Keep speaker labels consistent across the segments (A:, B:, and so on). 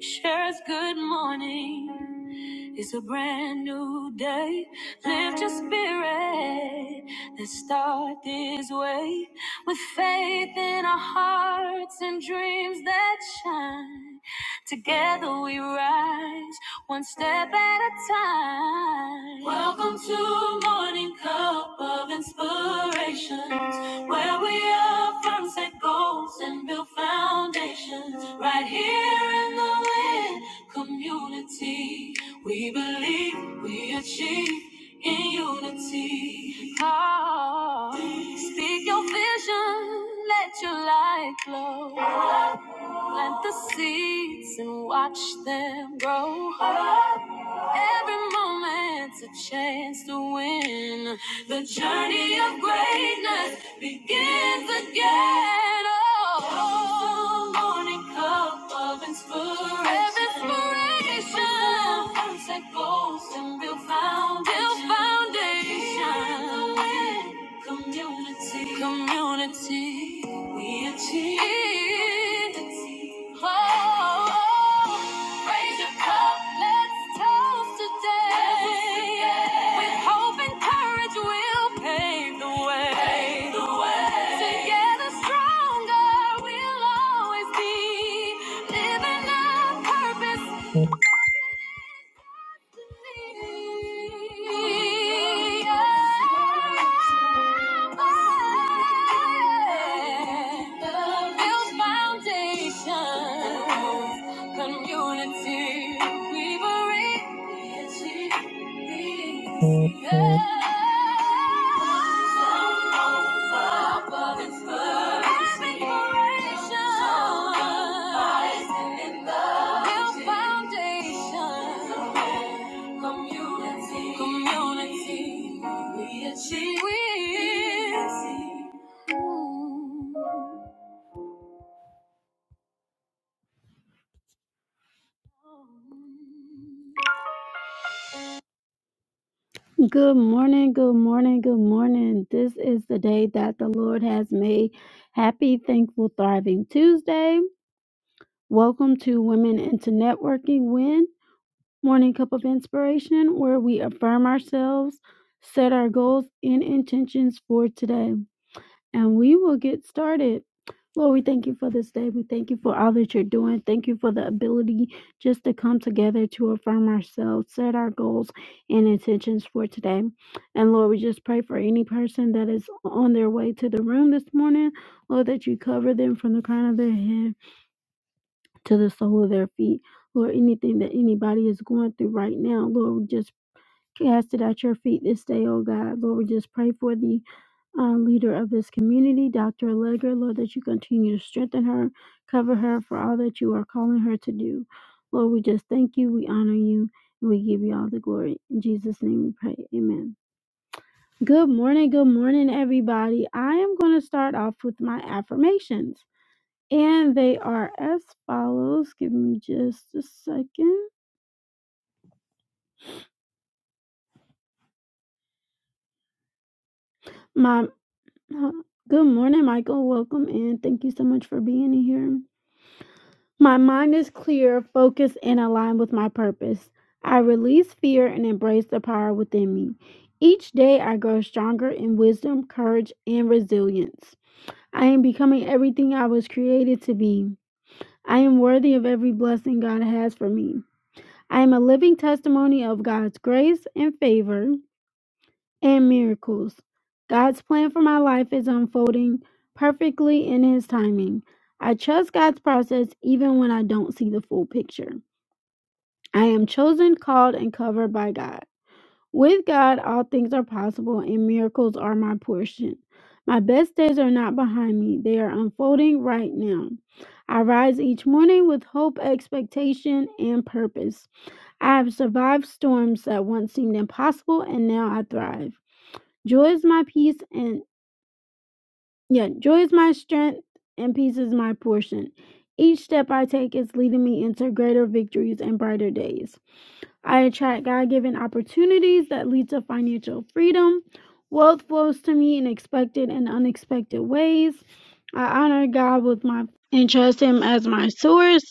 A: Shares good morning. It's a brand new day. Lift your spirit. Let's start this way with faith in our hearts and dreams that shine. Together we rise, one step at a time. Welcome to Morning Cup of Inspirations, where we affirm set goals and build foundations right here in the wind community. We believe we achieve in unity. Oh, speak your vision, let your light glow. Plant the seeds and watch them grow. Every moment's a chance to win. The journey of greatness begins again. Oh, the morning cup of inspiration. Every inspiration. From first that goes and build foundations. Build foundation. Community. Community. We achieve. Oh, raise your cup. Let's toast today. With hope and courage, we'll pave the way. Pave the way. Together, stronger, we'll always be. Living our purpose. Community, we were it. Yeah. Good morning, good morning, good morning. This is the day that the Lord has made. Happy, thankful, thriving Tuesday. Welcome to Women into Networking Win. Morning Cup of Inspiration, where we affirm ourselves, set our goals and intentions for today. And we will get started. Lord, we thank you for this day. We thank you for all that you're doing. Thank you for the ability just to come together to affirm ourselves, set our goals and intentions for today. And Lord, we just pray for any person that is on their way to the room this morning, Lord, that you cover them from the crown of their head to the sole of their feet. Lord, anything that anybody is going through right now, Lord, we just cast it at your feet this day, oh God. Lord, we just pray for the uh, leader of this community, Dr. Allegra, Lord, that you continue to strengthen her, cover her for all that you are calling her to do. Lord, we just thank you, we honor you, and we give you all the glory. In Jesus' name we pray. Amen. Good morning, good morning, everybody. I am going to start off with my affirmations. And they are as follows. Give me just a second. My huh, good morning, Michael. Welcome in. Thank you so much for being here. My mind is clear, focused, and aligned with my purpose. I release fear and embrace the power within me. Each day, I grow stronger in wisdom, courage, and resilience. I am becoming everything I was created to be. I am worthy of every blessing God has for me. I am a living testimony of God's grace and favor. and miracles. God's plan for my life is unfolding perfectly in His timing. I trust God's process even when I don't see the full picture. I am chosen, called, and covered by God. With God, all things are possible, and miracles are my portion. My best days are not behind me, they are unfolding right now. I rise each morning with hope, expectation, and purpose. I have survived storms that once seemed impossible, and now I thrive. Joy is my peace and yeah, joy is my strength and peace is my portion. Each step I take is leading me into greater victories and brighter days. I attract God-given opportunities that lead to financial freedom. Wealth flows to me in expected and unexpected ways. I honor God with my and trust him as my source.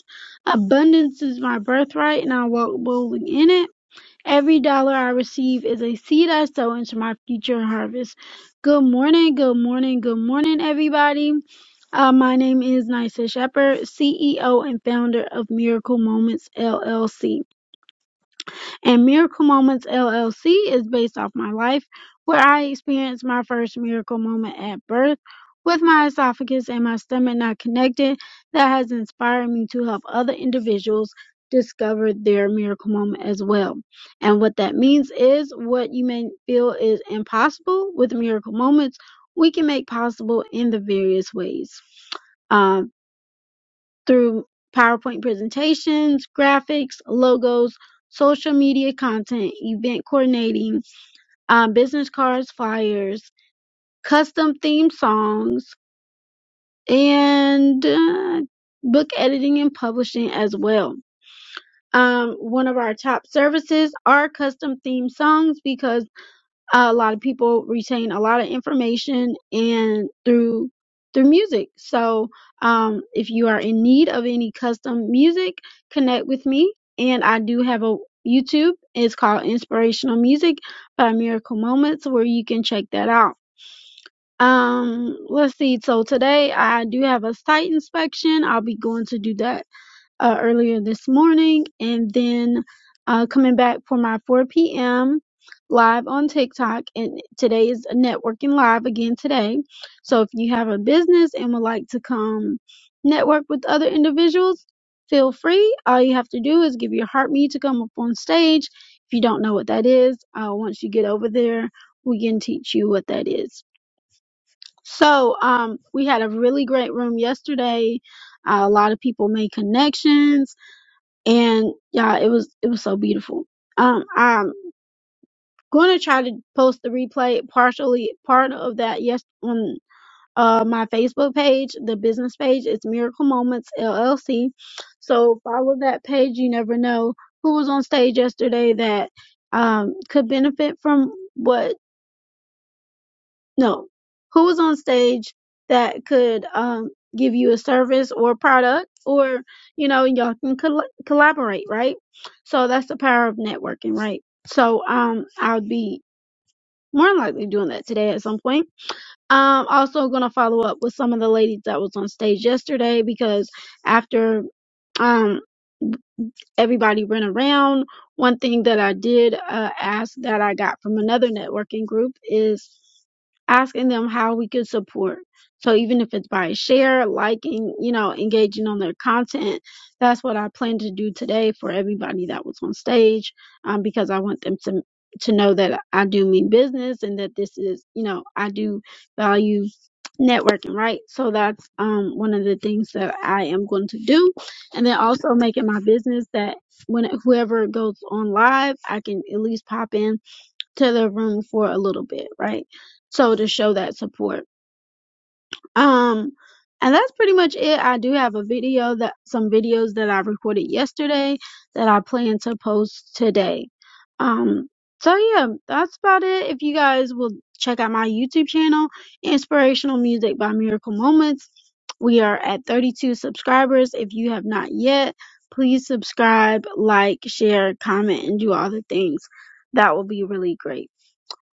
A: Abundance is my birthright and I walk boldly in it. Every dollar I receive is a seed I sow into my future harvest. Good morning, good morning, good morning, everybody. Uh, my name is Nysa Shepherd, CEO and founder of Miracle Moments LLC. And Miracle Moments LLC is based off my life, where I experienced my first miracle moment at birth with my esophagus and my stomach not connected. That has inspired me to help other individuals discover their miracle moment as well. And what that means is what you may feel is impossible with miracle moments, we can make possible in the various ways. Um through PowerPoint presentations, graphics, logos, social media content, event coordinating, um, business cards, flyers, custom theme songs, and uh, book editing and publishing as well. Um, one of our top services are custom theme songs because a lot of people retain a lot of information and through through music. So um, if you are in need of any custom music, connect with me. And I do have a YouTube. It's called Inspirational Music by Miracle Moments, where you can check that out. Um, let's see. So today I do have a site inspection. I'll be going to do that uh, earlier this morning, and then uh, coming back for my 4 p.m. live on TikTok. And today is networking live again today. So if you have a business and would like to come network with other individuals, feel free. All you have to do is give your heartbeat to come up on stage. If you don't know what that is, uh, once you get over there, we can teach you what that is. So um, we had a really great room yesterday. Uh, a lot of people made connections and yeah, it was it was so beautiful. Um, I'm going to try to post the replay partially part of that yes on uh my Facebook page, the business page. It's Miracle Moments LLC. So follow that page. You never know who was on stage yesterday that um could benefit from what no. Who's on stage that could um give you a service or product or you know y'all can col- collaborate, right? So that's the power of networking, right? So um I would be more than likely doing that today at some point. Um also going to follow up with some of the ladies that was on stage yesterday because after um everybody ran around. One thing that I did uh, ask that I got from another networking group is asking them how we could support. So even if it's by share, liking, you know, engaging on their content, that's what I plan to do today for everybody that was on stage, um, because I want them to to know that I do mean business and that this is, you know, I do value networking, right? So that's um one of the things that I am going to do and then also make it my business that when whoever goes on live, I can at least pop in to their room for a little bit, right? So to show that support. Um, and that's pretty much it. I do have a video that some videos that I recorded yesterday that I plan to post today. Um, so yeah, that's about it. If you guys will check out my YouTube channel, Inspirational Music by Miracle Moments. We are at 32 subscribers. If you have not yet, please subscribe, like, share, comment, and do all the things. That will be really great.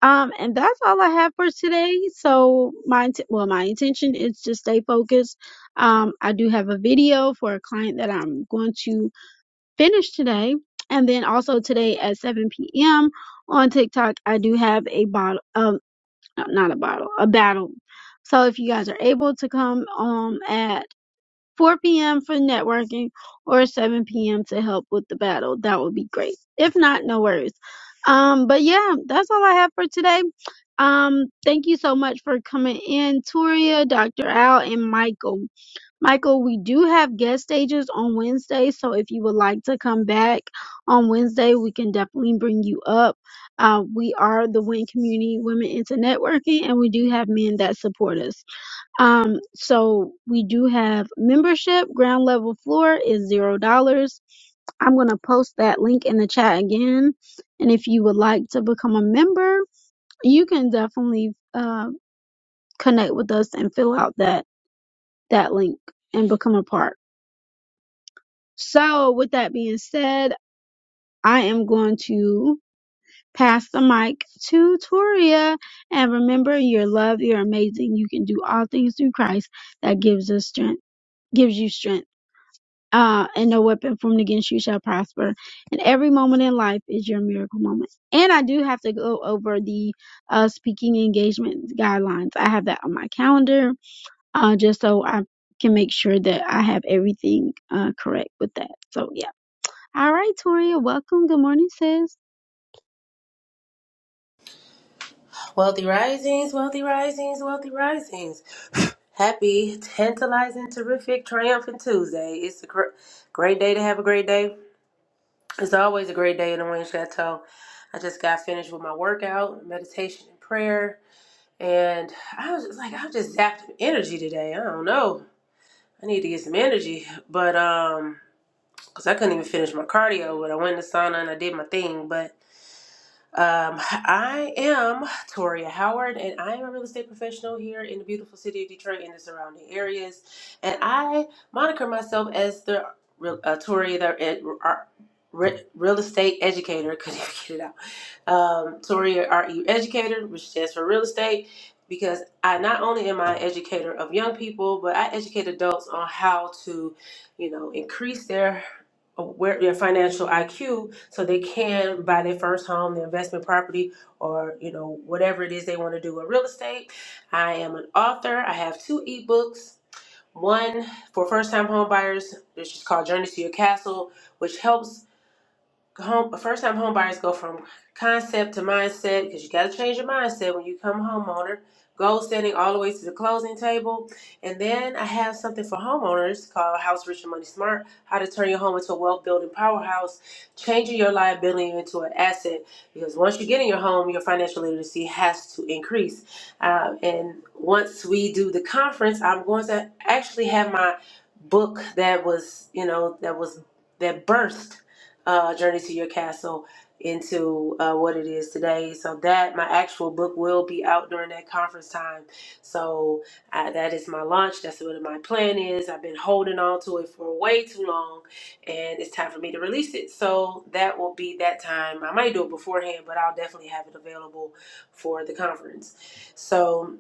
A: Um, and that's all I have for today. So my int- well, my intention is to stay focused. Um, I do have a video for a client that I'm going to finish today, and then also today at 7 p.m. on TikTok, I do have a bottle. Um, no, not a bottle, a battle. So if you guys are able to come um at 4 p.m. for networking or 7 p.m. to help with the battle. That would be great. If not, no worries. Um, but yeah, that's all I have for today. Um, thank you so much for coming in, Toria, Dr. Al, and Michael. Michael, we do have guest stages on Wednesday, so if you would like to come back on Wednesday, we can definitely bring you up. Uh, we are the WIN Community Women into Networking, and we do have men that support us. Um, so we do have membership. Ground level floor is zero dollars. I'm gonna post that link in the chat again. And if you would like to become a member, you can definitely uh, connect with us and fill out that that link and become a part. So with that being said, I am going to pass the mic to Toria. And remember, you're loved, you're amazing, you can do all things through Christ that gives us strength, gives you strength. uh, and no weapon formed against you shall prosper. And every moment in life is your miracle moment. And I do have to go over the uh, speaking engagement guidelines. I have that on my calendar uh, just so I can make sure that I have everything uh, correct with that. So, yeah. All right, Toria, welcome. Good morning, sis.
B: Wealthy risings, wealthy risings, wealthy risings. Happy, tantalizing, terrific, triumphant Tuesday. It's a gr- great day to have a great day. It's always a great day in the Wayne Chateau. I just got finished with my workout, meditation, and prayer. And I was just like, I'm just zapped with energy today. I don't know. I need to get some energy. But, um, because I couldn't even finish my cardio, but I went in the sauna and I did my thing. Um, I am Toria Howard, and I am a real estate professional here in the beautiful city of Detroit and the surrounding areas. And I moniker myself as the real- uh, Toria, the ed, ar- re, real estate educator. Couldn't even get it out. Um, Toria, R E educator, which stands for real estate, because I not only am I an educator of young people, but I educate adults on how to, you know, increase their aware their financial IQ so they can buy their first home, their investment property, or you know whatever it is they want to do with real estate. I am an author. I have two ebooks. One for first-time home buyers, which is called Journey to Your Castle, which helps home first time home buyers go from concept to mindset because you got to change your mindset when you come homeowner goal setting all the way to the closing table and then i have something for homeowners called house rich and money smart how to turn your home into a wealth building powerhouse changing your liability into an asset because once you get in your home your financial literacy has to increase Uh, and once we do the conference i'm going to actually have my book that was you know that was that burst uh, Journey to Your Castle into uh, what it is today. So that my actual book will be out during that conference time. So uh, that is my launch. That's what my plan is. I've been holding on to it for way too long, and it's time for me to release it. So that will be that time. I might do it beforehand, but I'll definitely have it available for the conference. So.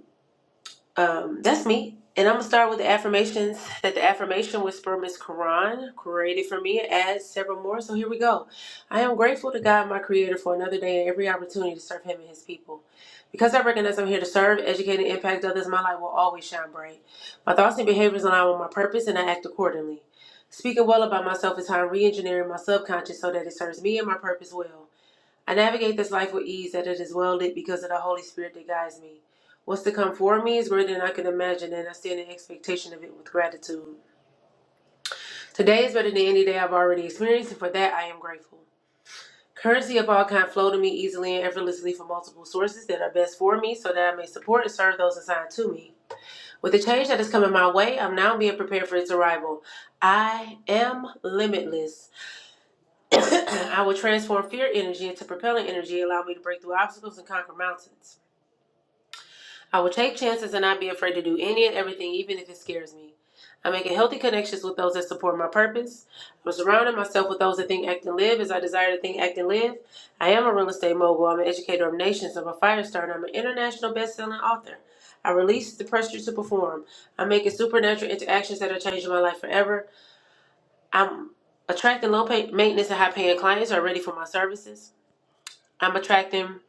B: Um, that's me. And I'm gonna start with the affirmations that the affirmation whisper Miss Quran created for me and adds several more. So here we go. I am grateful to God, my creator, for another day and every opportunity to serve him and his people. Because I recognize I'm here to serve, educate, and impact others, my light will always shine bright. My thoughts and behaviors align with my purpose and I act accordingly. Speaking well about myself is how I'm re engineering my subconscious so that it serves me and my purpose well. I navigate this life with ease that it is well lit because of the Holy Spirit that guides me. What's to come for me is greater than I can imagine, and I stand in expectation of it with gratitude. Today is better than any day I've already experienced, and for that I am grateful. Currency of all kind flow to me easily and effortlessly from multiple sources that are best for me so that I may support and serve those assigned to me. With the change that is coming my way, I'm now being prepared for its arrival. I am limitless. I will transform fear energy into propelling energy, allow me to break through obstacles and conquer mountains. I will take chances and not be afraid to do any and everything, even if it scares me. I'm making healthy connections with those that support my purpose. I'm surrounding myself with those that think, act, and live as I desire to think, act, and live. I am a real estate mogul. I'm an educator of nations. I'm a fire starter. I'm an international best-selling author. I release the pressure to perform. I'm making supernatural interactions that are changing my life forever. I'm attracting low pay- maintenance and high paying clients who are ready for my services. I'm attracting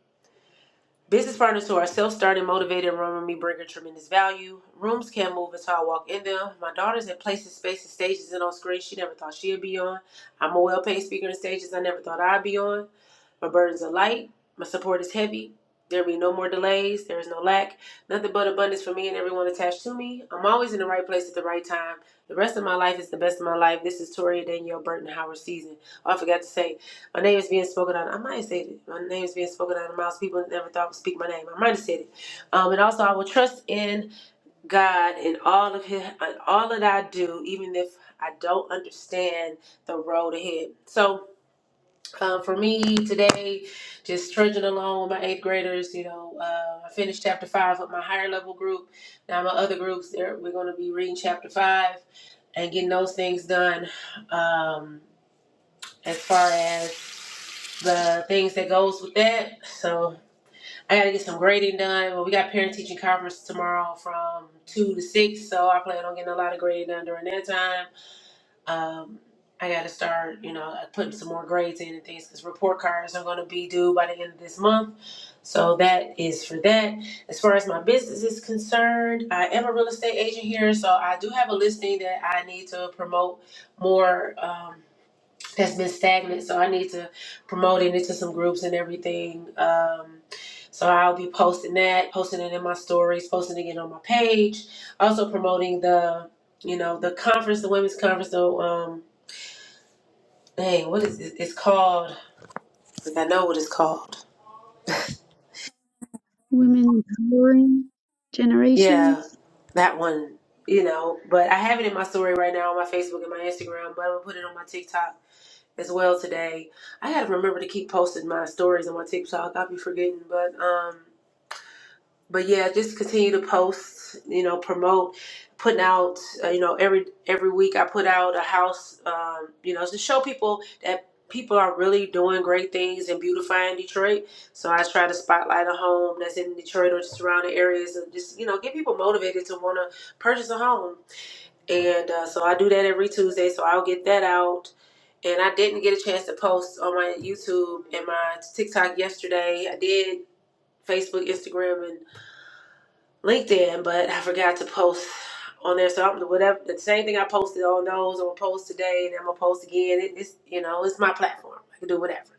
B: Business partners who are self-starting, motivated, and run with me bring a tremendous value. Rooms can't move until I walk in them. My daughter's in places, spaces, stages, and on screens she never thought she'd be on. I'm a well-paid speaker in stages I never thought I'd be on. My burdens are light. My support is heavy. There be no more delays. There is no lack. Nothing but abundance for me and everyone attached to me. I'm always in the right place at the right time. The rest of my life is the best of my life. This is Toria Danielle Burton Howard season. Oh, I forgot to say, my name is being spoken out. I might have said it. My name is being spoken out of mouths people never thought would speak my name. I might have said it. Um, and also, I will trust in God in all of His, in all that I do, even if I don't understand the road ahead. So uh, for me today, just trudging along with my eighth graders. You know, uh, I finished chapter five with my higher level group. Now my other groups, they're- we're going to be reading chapter five and getting those things done. Um, as far as the things that goes with that, so I got to get some grading done. Well, we got parent teaching conference tomorrow from two to six, so I plan on getting a lot of grading done during that time um, I got to start, you know, putting some more grades in and things because report cards are going to be due by the end of this month. So that is for that. As far as my business is concerned, I am a real estate agent here, so I do have a listing that I need to promote more. Um, that's been stagnant. So I need to promote it into some groups and everything. Um, so I'll be posting that, posting it in my stories, posting it on my page, also promoting the, you know, the conference, the women's conference. So, um, dang, what is it? It's called? Like I know what it's called.
A: Women empowering
B: Yeah,
A: generations.
B: that one. You know, but I have it in my story right now on my Facebook and my Instagram, but I'm gonna put it on my TikTok as well today. I gotta remember to keep posting my stories on my TikTok. I'll be forgetting, but um but yeah, just continue to post, you know, promote, putting out, uh, you know, every every week I put out a house, um, you know, to show people that people are really doing great things and beautifying Detroit. So I try to spotlight a home that's in Detroit or the surrounding areas and just, you know, get people motivated to want to purchase a home. And uh, so I do that every Tuesday. So I'll get that out. And I didn't get a chance to post on my YouTube and my TikTok yesterday. I did Facebook, Instagram, and. LinkedIn, but I forgot to post on there. So I'm whatever the same thing I posted on those. I'm gonna post today, and I'm gonna post again. It, it's you know it's my platform. I can do whatever.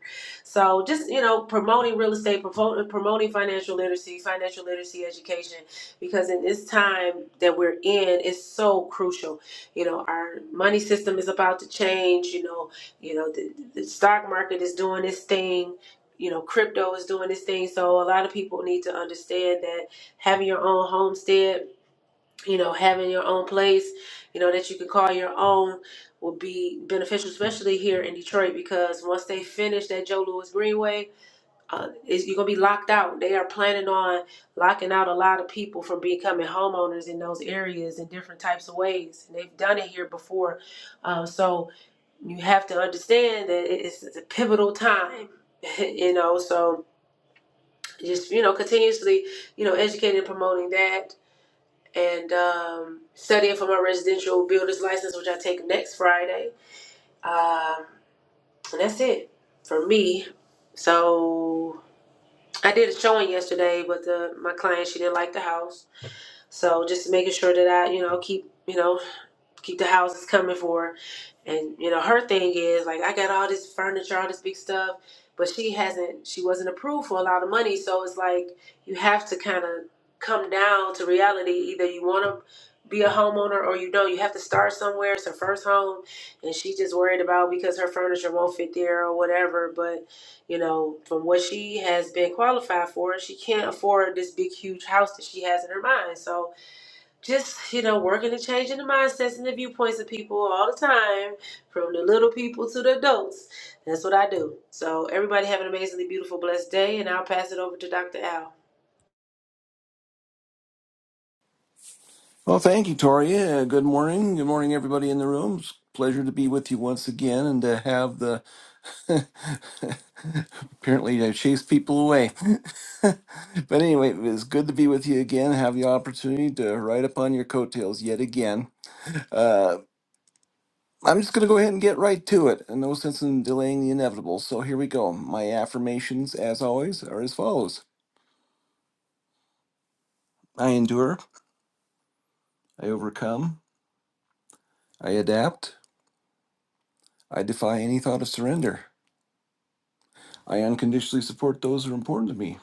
B: So just you know promoting real estate, promoting, promoting financial literacy, financial literacy education, because in this time that we're in, it's so crucial. You know our money system is about to change. You know you know the, the stock market is doing this thing. You know crypto is doing this thing. So a lot of people need to understand that having your own homestead, you know, having your own place, you know, that you can call your own would be beneficial, especially here in Detroit, because once they finish that Joe Louis Greenway, uh, is you're gonna be locked out. They are planning on locking out a lot of people from becoming homeowners in those areas in different types of ways, and they've done it here before. Uh, so you have to understand that it- it's it's a pivotal time, you know. So just you know, continuously, you know, educating and promoting that and um, studying for my residential builder's license, which I take next Friday. Um, and that's it for me. So I did a showing yesterday, but the, my client she didn't like the house, so just making sure that I you know keep you know keep the houses coming for her. And you know, her thing is like I got all this furniture, all this big stuff, but she hasn't she wasn't approved for a lot of money, so it's like you have to kind of come down to reality. Either you want to be a homeowner or you don't. You have to start somewhere. It's her first home, and she just worried about because her furniture won't fit there or whatever, but you know, from what she has been qualified for, she can't afford this big huge house that she has in her mind. So just you know working and changing the mindsets and the viewpoints of people all the time from the little people to the adults that's what i do so everybody have an amazingly beautiful blessed day and i'll pass it over to dr al
C: Well, thank you, Tori. Uh, good morning. Good morning, everybody in the room. It's a pleasure to be with you once again and to have the. Apparently, I chase people away. but anyway, it was good to be with you again, have the opportunity to ride upon your coattails yet again. Uh, I'm just going to go ahead and get right to it. and No sense in delaying the inevitable. So here we go. My affirmations, as always, are as follows I endure, I overcome, I adapt, I defy any thought of surrender. I unconditionally support those who are important to me.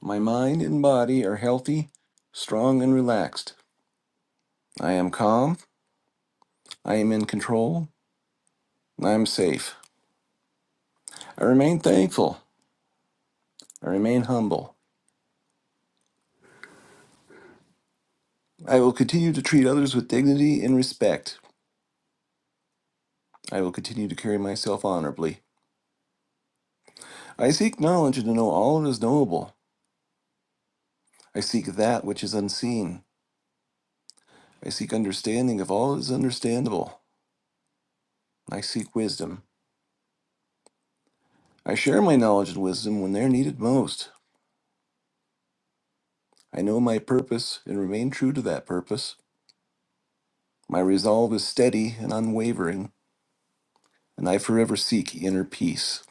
C: My mind and body are healthy, strong, and relaxed. I am calm. I am in control. and I am safe. I remain thankful. I remain humble. I will continue to treat others with dignity and respect. I will continue to carry myself honorably. I seek knowledge and to know all that is knowable. I seek that which is unseen. I seek understanding of all that is understandable. I seek wisdom. I share my knowledge and wisdom when they are needed most. I know my purpose and remain true to that purpose. My resolve is steady and unwavering, and I forever seek inner peace.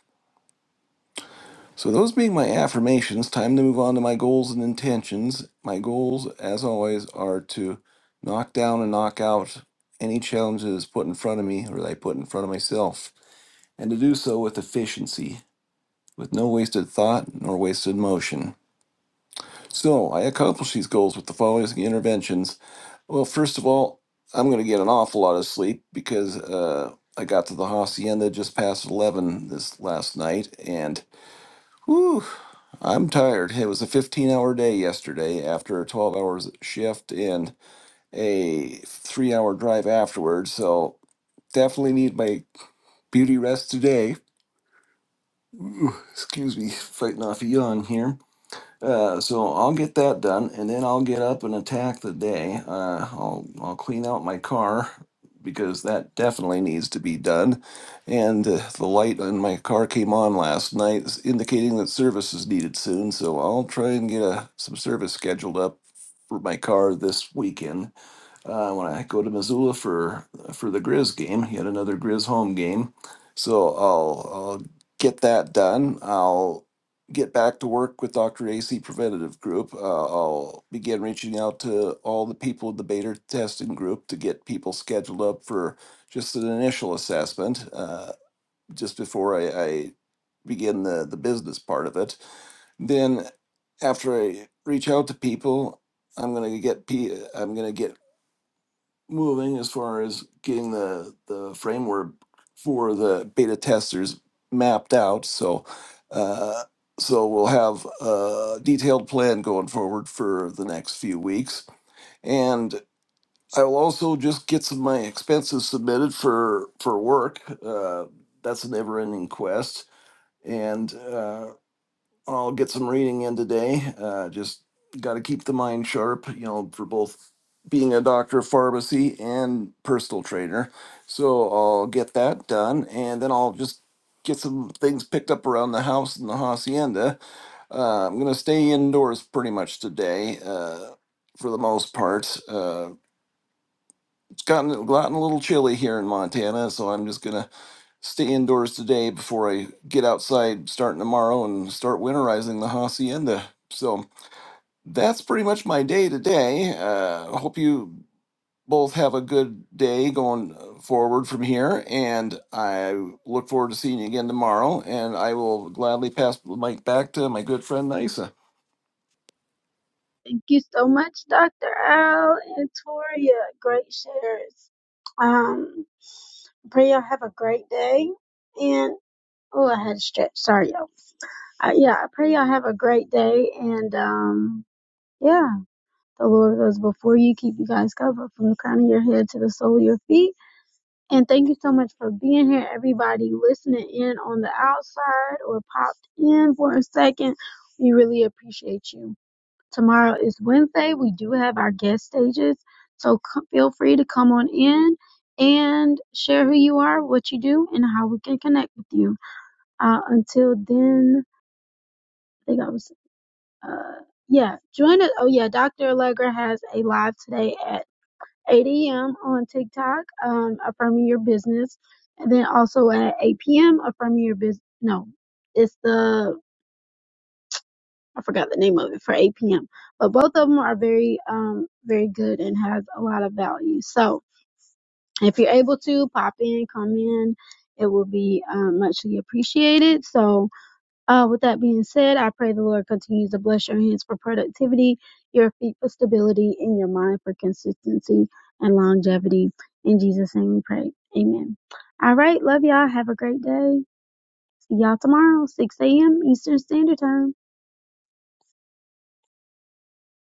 C: So, those being my affirmations, time to move on to my goals and intentions. My goals, as always, are to knock down and knock out any challenges put in front of me or that I put in front of myself, and to do so with efficiency, with no wasted thought nor wasted motion. So, I accomplish these goals with the following interventions Well, first of all, I'm going to get an awful lot of sleep because uh, I got to the hacienda just past 11 this last night and whew, I'm tired. It was a 15 hour day yesterday after a 12 hour shift and a three hour drive afterwards. So definitely need my beauty rest today. Ooh, excuse me, fighting off a yawn here. Uh, so I'll get that done, and then I'll get up and attack the day. Uh, I'll I'll clean out my car because that definitely needs to be done. And uh, the light on my car came on last night, s- indicating that service is needed soon. So I'll try and get a, some service scheduled up for my car this weekend uh, when I go to Missoula for for the Grizz game, yet another Grizz home game. So I'll I'll get that done. I'll get back to work with Dr. AC Preventative Group. Uh, I'll begin reaching out to all the people in the beta testing group to get people scheduled up for just an initial assessment, uh, just before I, I begin the the business part of it. Then after I reach out to people, I'm gonna get pi am gonna get moving as far as getting the the framework for the beta testers mapped out. So, uh, so we'll have a detailed plan going forward for the next few weeks, and I will also just get some of my expenses submitted for for work. Uh, that's a never ending quest, and. Uh, I'll get some reading in today. Uh, just got to keep the mind sharp, you know, for both being a doctor of pharmacy and personal trainer. So I'll get that done, and then I'll just get some things picked up around the house and the hacienda. Uh, I'm gonna stay indoors pretty much today. Uh, for the most part, uh, it's gotten gotten a little chilly here in Montana, so I'm just gonna stay indoors today before I get outside starting tomorrow and start winterizing the hacienda. So that's pretty much my day today. Uh, hope you both have a good day going forward from here, and I look forward to seeing you again tomorrow. And I will gladly pass the mic back to my good friend Nisa.
A: Thank you so much, Dr. Al and Toria. Great shares. Um, pray y'all have a great day. and. Oh, I had a stretch. Sorry, y'all. Uh, yeah, I pray y'all have a great day. And um, yeah, the Lord goes before you, keep you guys covered from the crown of your head to the sole of your feet. And thank you so much for being here, everybody listening in on the outside or popped in for a second. We really appreciate you. Tomorrow is Wednesday. We do have our guest stages. So c- feel free to come on in and share who you are, what you do, and how we can connect with you. Uh, until then, I think I was, uh, yeah, join us. Oh, yeah, Dr. Allegra has a live today at 8 a.m. on TikTok, um, affirming your business. And then also at 8 p.m., affirming your business. No, it's the, I forgot the name of it for 8 p.m. But both of them are very, um, very good and has a lot of value. So if you're able to pop in, come in, it will be um, muchly appreciated. So, Uh, with that being said, I pray the Lord continues to bless your hands for productivity, your feet for stability, and your mind for consistency and longevity. In Jesus' name we pray. Amen. All right. Love y'all. Have a great day. See y'all tomorrow, 6 a.m. Eastern Standard Time.